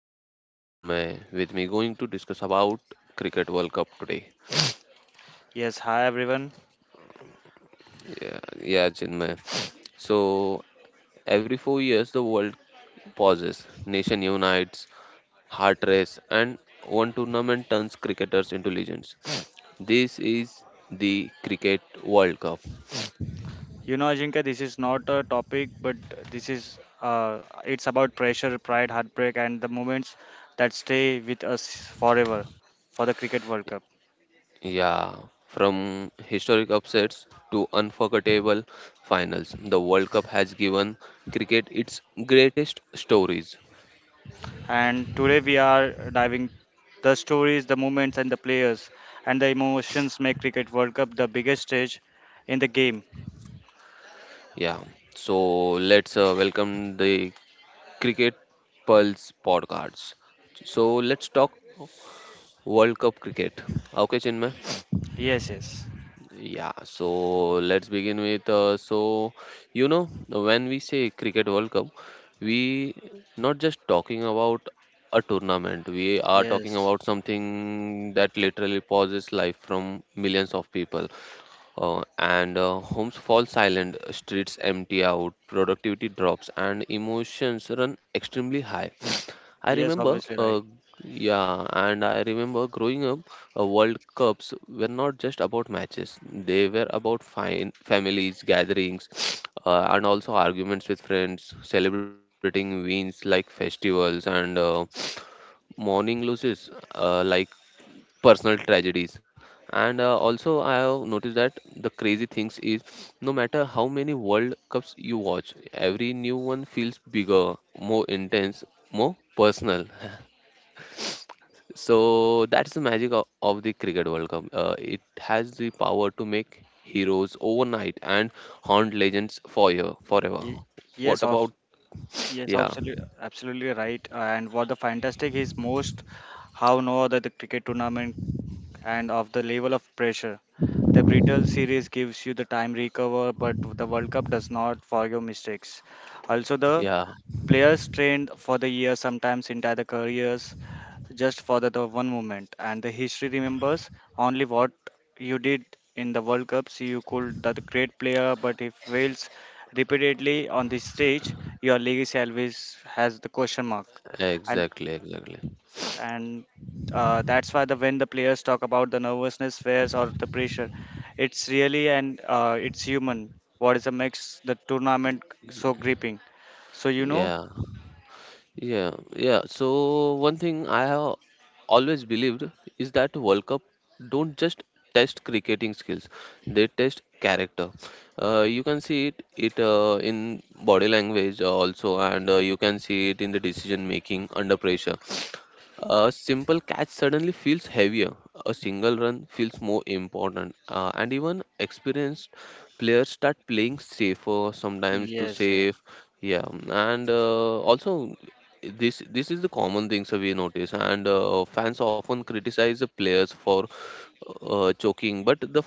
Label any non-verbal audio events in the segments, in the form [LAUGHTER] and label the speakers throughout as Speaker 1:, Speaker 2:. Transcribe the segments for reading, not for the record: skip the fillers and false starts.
Speaker 1: my co-host Chinmay. With me, going to discuss about Cricket World Cup today.
Speaker 2: Yes, hi everyone.
Speaker 1: Yeah, yeah, Chinmay. So every 4 years, the world pauses, nation unites, heart race, and one tournament turns cricketers into legends. This is the Cricket World Cup.
Speaker 2: You know, Ajinkya, this is not a topic, but this is it's about pressure, pride, heartbreak, and the moments that stay with us forever for the Cricket World Cup.
Speaker 1: Yeah, from historic upsets to unforgettable finals, the World Cup has given cricket its greatest stories.
Speaker 2: And today we are diving the stories, the moments, and the players, and the emotions make Cricket World Cup the biggest stage in the game.
Speaker 1: Yeah, so let's welcome the Cricket Pulse podcast. So let's talk World Cup cricket. Okay, Chinmay.
Speaker 2: Yes, yes,
Speaker 1: Yeah, so let's begin with. When we say Cricket World Cup, we not just talking about a tournament. We are talking
Speaker 2: yes,
Speaker 1: about something that literally pauses life from millions of people. And Homes fall silent, streets empty out, productivity drops, and emotions run extremely high. [SNIFFS] I
Speaker 2: yes.
Speaker 1: remember,
Speaker 2: Obviously, right.
Speaker 1: uh, yeah, and I remember growing up, World Cups were not just about matches, they were about fine families, gatherings, [SNIFFS] and also arguments with friends, celebrating wins like festivals and mourning losses like personal tragedies and also I have noticed that the crazy things is no matter how many World Cups you watch, every new one feels bigger, more intense, more personal. [LAUGHS] So that's the magic of the Cricket World Cup. It has the power to make heroes overnight and haunt legends for year, forever.
Speaker 2: Ye-
Speaker 1: What
Speaker 2: Yes, of
Speaker 1: about?
Speaker 2: Yes,
Speaker 1: Yeah,
Speaker 2: absolutely, absolutely right. And what the fantastic is most, how no other the cricket tournament and of the level of pressure. The Brittle series gives you the time recover, but the World Cup does not for your mistakes. Also, the
Speaker 1: yeah,
Speaker 2: players trained for the year sometimes entire the careers just for the one moment. And the history remembers only what you did in the World Cups. You could that great player, but if fails repeatedly on this stage, your legacy always has the question mark. And
Speaker 1: exactly, exactly,
Speaker 2: and that's why the when the players talk about the nervousness, fears, or the pressure, it's really and it's human. What is the makes the tournament so gripping? So you know,
Speaker 1: yeah. Yeah, yeah. So one thing I have always believed is that World Cup don't just test cricketing skills; they test character. You can see it in body language also, and you can see it in the decision making under pressure. A simple catch suddenly feels heavier. A single run feels more important, and even experienced players start playing safer sometimes to
Speaker 2: yes, yes.
Speaker 1: save. Yeah. And also this is the common things that we notice, and fans often criticize the players for choking, but the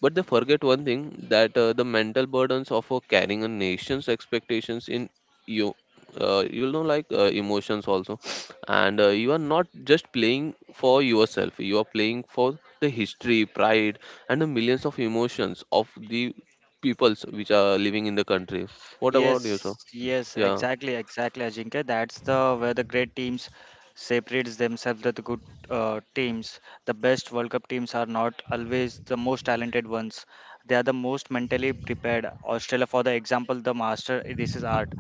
Speaker 1: but they forget one thing, that the mental burdens of carrying a nation's expectations in you, you know, like emotions also. [SNIFFS] And You are not just playing for yourself, you are playing for the history, pride, and the millions of emotions of the peoples which are living in the country. What about you, sir?
Speaker 2: Yes, yes,
Speaker 1: Yeah,
Speaker 2: exactly, exactly, Ajinkya. That's the where the great teams separates themselves with the good teams. The best World Cup teams are not always the most talented ones. They are the most mentally prepared. Australia, for the example, the master this is art.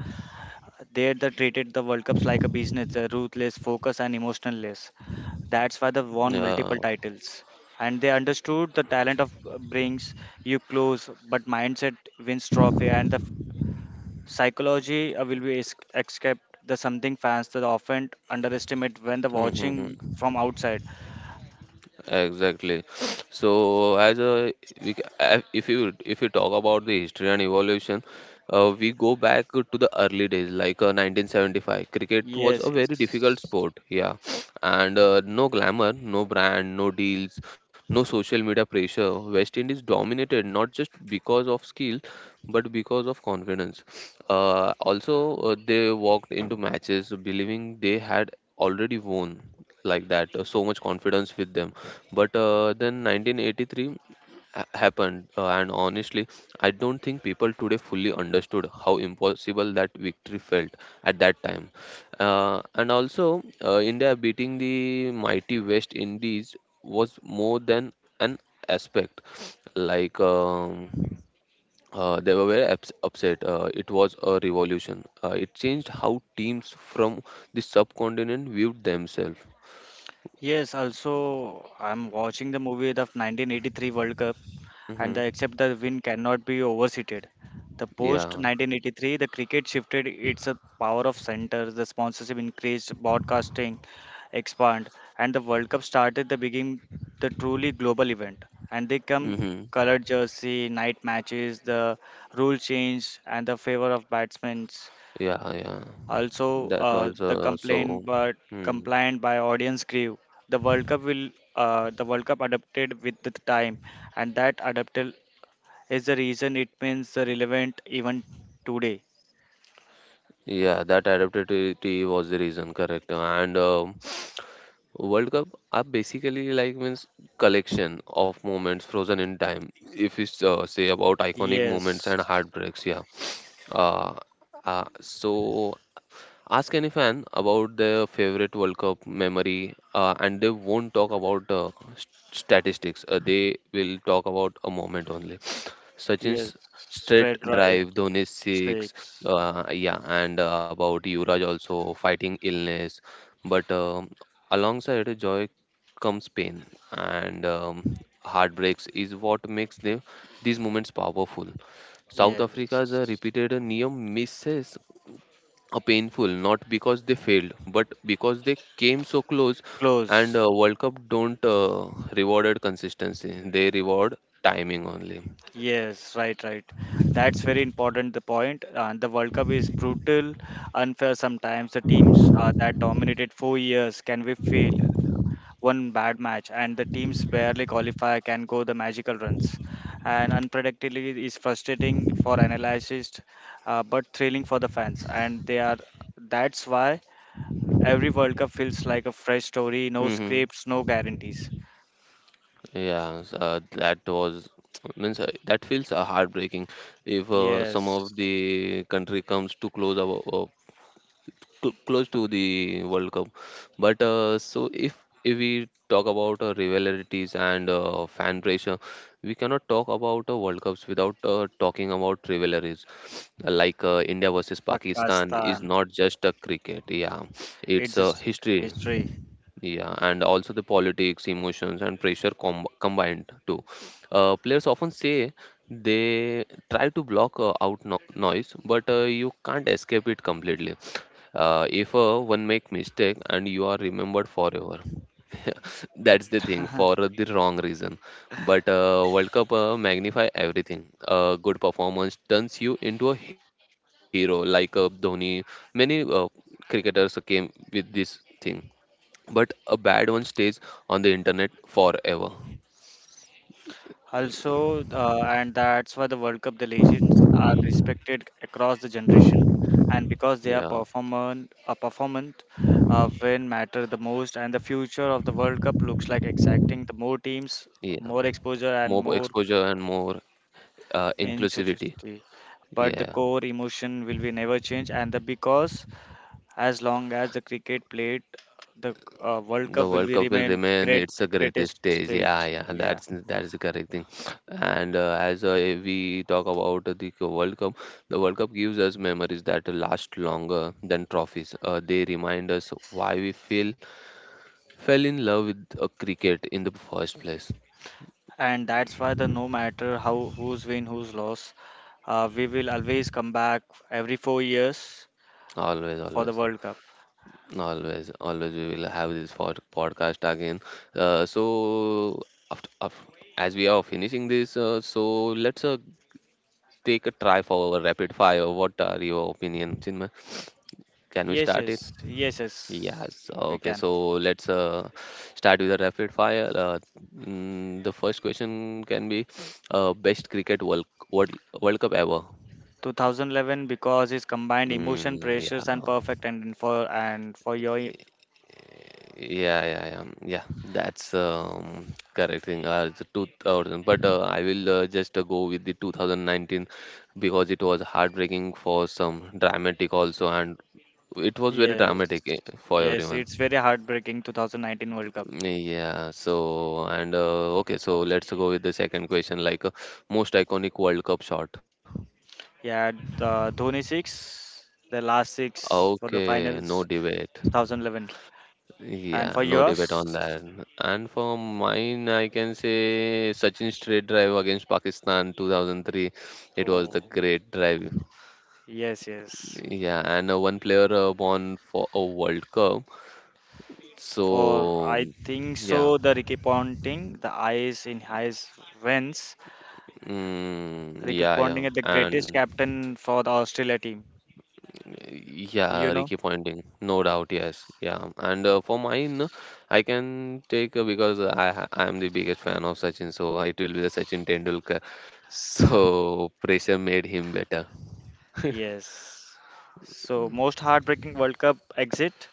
Speaker 2: They treated the World Cups like a business. They're ruthless, focused, and emotionless. That's why they won
Speaker 1: yeah.
Speaker 2: multiple titles. And they understood the talent of brings you close, but mindset wins trophy. And the psychology will be escaped the something fans that often underestimate when the watching
Speaker 1: Mm-hmm.
Speaker 2: from outside.
Speaker 1: Exactly. [SNIFFS] So, as a we, ca- a- if you talk about the history and evolution, we go back to the early days, like 1975. Cricket was a
Speaker 2: Yes,
Speaker 1: very difficult
Speaker 2: yes.
Speaker 1: sport, yeah. [SNIFFS] and No glamour, no brand, no deals, no social media pressure. West Indies dominated not just because of skill, but because of confidence. They walked into matches believing they had already won, like that so much confidence with them. But Then 1983 happened, and honestly I don't think people today fully understood how impossible that victory felt at that time. And also India beating the mighty West Indies was more than an aspect, like um, they were very upset. It was a revolution. It changed how teams from the subcontinent viewed themselves.
Speaker 2: Yes, also I'm watching the movie of 1983 World Cup. And the
Speaker 1: Hmm.
Speaker 2: except the win cannot be overstated. The post
Speaker 1: Yeah.
Speaker 2: 1983, the cricket shifted its power of centers, the sponsorship increased, broadcasting expand, and the World Cup started the beginning, the truly global event. And they come
Speaker 1: Mm-hmm.
Speaker 2: colored jersey, night matches, the rule change, and the favor of batsmen.
Speaker 1: Yeah, yeah.
Speaker 2: Also,
Speaker 1: That was
Speaker 2: the complaint,
Speaker 1: so.
Speaker 2: but
Speaker 1: Hmm.
Speaker 2: complaint by audience grew. The World Cup adapted with the time, and that adapted is the reason it means relevant even today.
Speaker 1: Yeah, that adaptability was the reason, correct. And World Cup are basically like means collection of moments frozen in time. If we say about iconic moments
Speaker 2: Yes,
Speaker 1: and heartbreaks, yeah. Uh, uh, so Ask any fan about their favorite World Cup memory, and they won't talk about s- statistics. They will talk about a moment only.
Speaker 2: yes,
Speaker 1: Sachin's straight
Speaker 2: straight drive
Speaker 1: drive, Dhoni's six,
Speaker 2: six.
Speaker 1: yeah, and about Yuvraj also fighting illness. But alongside joy comes pain, and heartbreaks is what makes them, these moments powerful. South Africa's
Speaker 2: Yes,
Speaker 1: repeated near misses, painful not because they failed but because they came so close. And
Speaker 2: close.
Speaker 1: World Cup don't rewarded consistency, they reward timing only.
Speaker 2: Yes, right, right. That's very important. The point and the World Cup is brutal, unfair sometimes. The teams that dominated 4 years can we fail? One bad match and the teams barely qualify can go the magical runs, and unpredictability is frustrating for analysts but thrilling for the fans, and they are that's why every world cup feels like a fresh story, no
Speaker 1: Hmm.
Speaker 2: scripts, no guarantees.
Speaker 1: Yeah s- that was [TSK] means That feels heartbreaking, if some
Speaker 2: Yes,
Speaker 1: of the country comes to close our close to the World Cup. But so if we talk about rivalities and fan pressure, we cannot talk about World Cups without talking about rivalries. Like India versus Pakistan
Speaker 2: Pakistan,
Speaker 1: is not just a cricket. Yeah,
Speaker 2: it's
Speaker 1: it's a
Speaker 2: just
Speaker 1: history.
Speaker 2: history.
Speaker 1: Yeah, and also the politics, emotions, and pressure combined too. Players often say they try to block out noise, but you can't escape it completely. If one make mistake and you are remembered forever. [LAUGHS] That's the thing,
Speaker 2: [LAUGHS]
Speaker 1: for the wrong reason. But World Cup magnify everything. Good performance turns you into a hero, like Dhoni. Many cricketers came with this thing, but a bad one stays on the internet forever.
Speaker 2: Also, and that's why the World Cup, the legends are respected across the generation, and because they are
Speaker 1: Yeah,
Speaker 2: performant, uh, performant when matter the most. And the future of the World Cup looks like exacting the more teams,
Speaker 1: yeah,
Speaker 2: more exposure, and
Speaker 1: more
Speaker 2: more
Speaker 1: exposure and more inclusivity.
Speaker 2: intensity. But the
Speaker 1: Yeah.
Speaker 2: core emotion will be never change, and the because as long as the cricket played, the World
Speaker 1: The
Speaker 2: Cup will
Speaker 1: World
Speaker 2: be
Speaker 1: Cup will
Speaker 2: remain
Speaker 1: remain
Speaker 2: great
Speaker 1: its the greatest
Speaker 2: greatest
Speaker 1: stage. Yeah,
Speaker 2: stage.
Speaker 1: yeah,
Speaker 2: Yeah.
Speaker 1: that's the correct thing. And as we talk about the World Cup, the World Cup gives us memories that last longer than trophies. They remind us why we feel fell in love with cricket in the first place.
Speaker 2: And that's why the no matter how who's win who's lost, we will always come back every 4 years
Speaker 1: Always,
Speaker 2: for the
Speaker 1: always,
Speaker 2: world cup.
Speaker 1: always, always. We will have this podcast again. So after, after As we are finishing this, let's take a try for a rapid fire. What are your opinions, Chinmay? Can we
Speaker 2: yes
Speaker 1: start it?
Speaker 2: yes yes yes
Speaker 1: Yes.
Speaker 2: we
Speaker 1: Okay.
Speaker 2: can.
Speaker 1: So let's start with a rapid fire. The first question can be best cricket World, World Cup ever.
Speaker 2: 2011, because it's combined emotion
Speaker 1: Mm,
Speaker 2: pressures and
Speaker 1: yeah.
Speaker 2: perfect and for your
Speaker 1: Yeah, yeah, yeah. Mm, yeah. That's correct thing. It's 2000, but I will just go with the 2019, because it was heartbreaking for some, dramatic also, and it was very
Speaker 2: yes
Speaker 1: dramatic eh, for
Speaker 2: yes,
Speaker 1: everyone.
Speaker 2: it's very heartbreaking 2019 world cup.
Speaker 1: Yeah. So and okay, so let's go with the second question, like most iconic World Cup shot.
Speaker 2: Yeah, the Dhoni 6, the last 6 for the
Speaker 1: Okay,
Speaker 2: finals,
Speaker 1: no debate.
Speaker 2: 2011. And
Speaker 1: Yeah,
Speaker 2: for
Speaker 1: no
Speaker 2: yours?
Speaker 1: debate on that. And for mine, I can say Sachin's straight drive against Pakistan 2003. It was the great drive.
Speaker 2: Yes, yes.
Speaker 1: Yeah, and one player won for a World Cup.
Speaker 2: For
Speaker 1: So,
Speaker 2: I think
Speaker 1: yeah,
Speaker 2: so, the Ricky Ponting, the eyes in eyes wins.
Speaker 1: mm,
Speaker 2: Ricky
Speaker 1: yeah, yeah,
Speaker 2: Ponting is the greatest
Speaker 1: and
Speaker 2: captain for the Australia team. You
Speaker 1: yeah,
Speaker 2: know?
Speaker 1: Ricky Ponting, no doubt, yes, yeah. And for mine, I can take I am the biggest fan of Sachin, so it will be the Sachin Tendulkar. [LAUGHS] So pressure made him better. [LAUGHS]
Speaker 2: Yes. So most heartbreaking World Cup exit.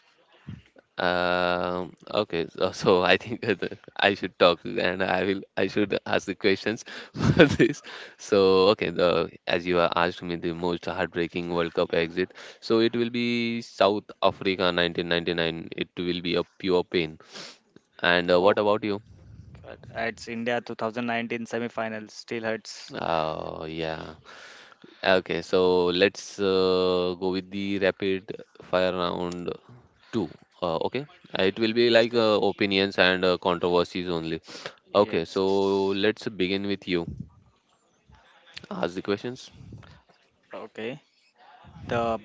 Speaker 1: Okay, so, so I think that I should talk and I should ask the questions [LAUGHS] for this. So okay, the as you asked me the most heartbreaking World Cup exit, so it will be South Africa 1999. It will be a pure pain. And
Speaker 2: Oh,
Speaker 1: what about you?
Speaker 2: God. It's India 2019 semi-final. Still hurts.
Speaker 1: Oh, yeah. Okay, so let's go with the rapid fire round two. Uh, okay, it will be
Speaker 2: Yes,
Speaker 1: like
Speaker 2: yes,
Speaker 1: opinions and controversies only. Okay, so
Speaker 2: yes.
Speaker 1: let's begin with you. Ask the questions.
Speaker 2: Okay. The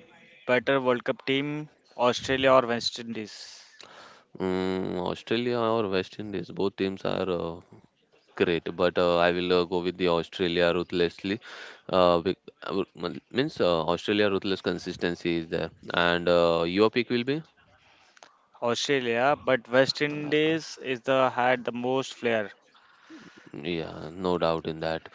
Speaker 2: better World Cup team, Australia or West Indies?
Speaker 1: Mm, Australia or West Indies? Both teams are great, but I will go with the Australia ruthlessly. Bec- uh, means Australia ruthless consistency is there, and your pick will be?
Speaker 2: Australia, but West
Speaker 1: Uh,
Speaker 2: Indies is the had the most flair.
Speaker 1: yeah, no doubt in that.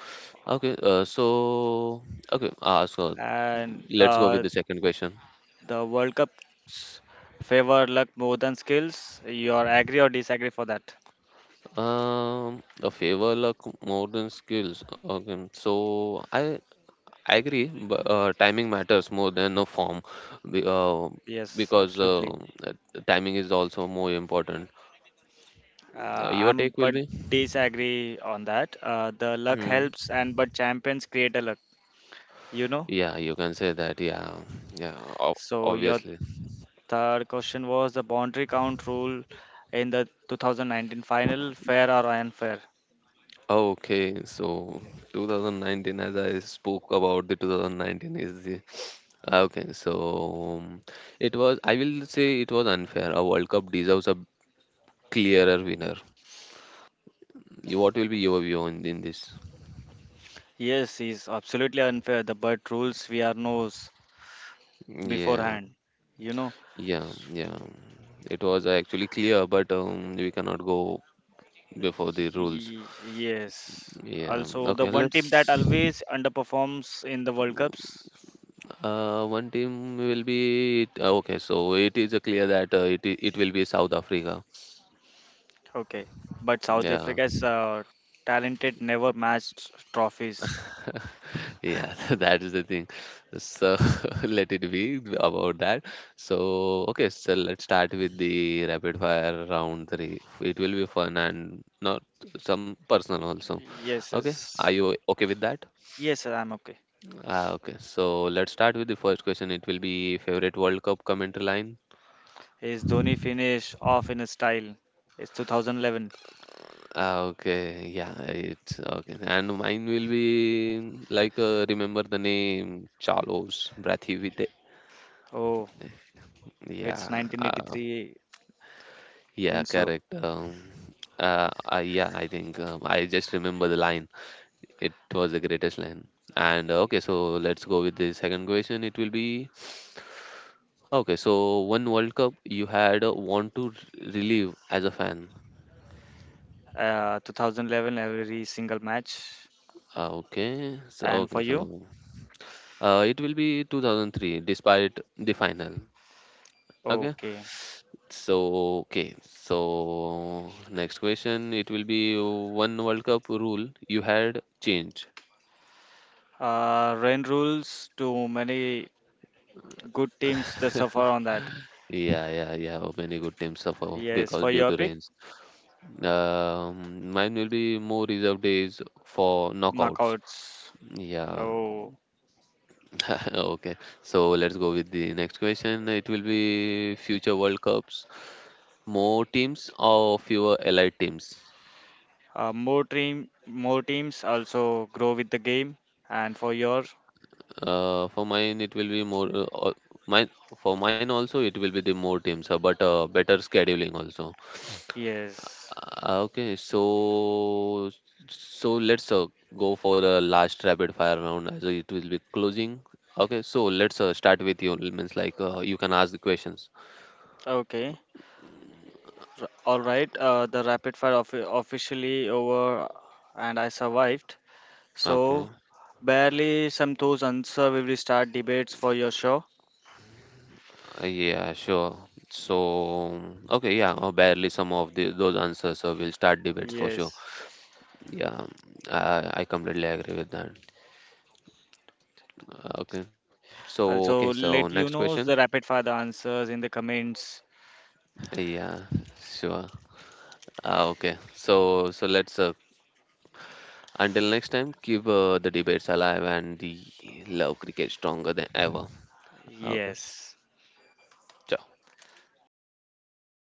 Speaker 1: Okay, uh, so okay, so
Speaker 2: And
Speaker 1: let's go with the second question.
Speaker 2: the World Cups favor luck more than skills. You are agree or disagree for that?
Speaker 1: A favor luck more than skills. Okay, so I agree, but timing matters more than the form, be- uh,
Speaker 2: Yes,
Speaker 1: because
Speaker 2: absolutely.
Speaker 1: timing is also more important.
Speaker 2: Uh,
Speaker 1: Your
Speaker 2: I'm
Speaker 1: take will
Speaker 2: but
Speaker 1: be?
Speaker 2: disagree on that. The luck
Speaker 1: Hmm.
Speaker 2: helps, and but champions create a luck. You know.
Speaker 1: Yeah, you can say that. Yeah, yeah,
Speaker 2: So your
Speaker 1: obviously.
Speaker 2: third question was the boundary count rule in the 2019 final, fair or unfair?
Speaker 1: Oh, okay, so 2019, as I spoke about the 2019 is the ah, okay. So it was, I will say it was unfair. A World Cup deserves a clearer winner. You- What will be your view on in this?
Speaker 2: Yes, is absolutely unfair. The but rules we are knows
Speaker 1: Yeah,
Speaker 2: beforehand. You know.
Speaker 1: yeah, yeah. It was actually clear, but we cannot go before the rules.
Speaker 2: Yes.
Speaker 1: Yeah.
Speaker 2: Also, the
Speaker 1: Okay,
Speaker 2: one team that
Speaker 1: let's.
Speaker 2: always underperforms in the World Cups.
Speaker 1: One team will be okay. So it is clear that it will be South Africa.
Speaker 2: Okay. But South
Speaker 1: Yeah.
Speaker 2: Africa's talented never matched trophies.
Speaker 1: [LAUGHS] Yeah, [LAUGHS] that is the thing. So [LAUGHS] let it be about that. So, okay, so let's start with the rapid fire round three. It will be fun and not some personal also.
Speaker 2: Yes,
Speaker 1: Okay, are
Speaker 2: yes.
Speaker 1: you okay with that?
Speaker 2: Yes, sir, I'm okay.
Speaker 1: Let's start with the first question. It will be favorite World Cup commentary line.
Speaker 2: His Dhoni finish off in a style. It's 2011.
Speaker 1: Ah, okay, yeah, it's okay. And mine will be like remember the name Carlos Brathwaite.
Speaker 2: Oh, it's
Speaker 1: Yeah, uh,
Speaker 2: 1983.
Speaker 1: yeah,
Speaker 2: Think so.
Speaker 1: correct. Yeah, I think I just remember the line. It was the greatest line. And okay, so let's go with the second question. It will be okay. So one World Cup you had want to relive as a fan.
Speaker 2: 2011, every single match.
Speaker 1: Uh, okay, so
Speaker 2: And for
Speaker 1: okay, so
Speaker 2: you?
Speaker 1: it will be 2003, despite the final. Okay.
Speaker 2: Okay.
Speaker 1: So, okay. So, next question. It will be one World Cup rule you had changed.
Speaker 2: Rain rules to many good teams that suffer on that.
Speaker 1: Yeah, yeah, yeah. Oh, many good teams suffer
Speaker 2: Yes,
Speaker 1: because
Speaker 2: for
Speaker 1: due
Speaker 2: your
Speaker 1: to
Speaker 2: pick,
Speaker 1: rains. Mine will be more reserve days for knockouts.
Speaker 2: knockouts.
Speaker 1: Yeah.
Speaker 2: So
Speaker 1: [LAUGHS] Okay. So let's go with the next question. It will be future World Cups, more teams or fewer allied teams?
Speaker 2: more team, more teams also grow with the game. And for your,
Speaker 1: For mine, it will be more. Al- mine For mine also, it will be the more teams, but better scheduling also.
Speaker 2: yes,
Speaker 1: Okay, so so let's go for the last rapid fire round as it will be closing. Okay, so let's start with you. Means like You can ask the questions.
Speaker 2: okay, all right. The rapid fire officially over, and I survived.
Speaker 1: Okay.
Speaker 2: So barely some those answer we will start debates for your show.
Speaker 1: Yeah, sure. So, okay, yeah, barely some of the those answers. So we'll start debates for sure.
Speaker 2: Yes.
Speaker 1: Yeah, I completely agree with that. Okay. So okay.
Speaker 2: Also,
Speaker 1: So
Speaker 2: let you
Speaker 1: next
Speaker 2: know the
Speaker 1: question.
Speaker 2: rapid fire the answers in the comments.
Speaker 1: Yeah. Sure. Okay. So so let's Until next time keep the debates alive and the love cricket stronger than ever. Okay.
Speaker 2: Yes.
Speaker 1: Ciao.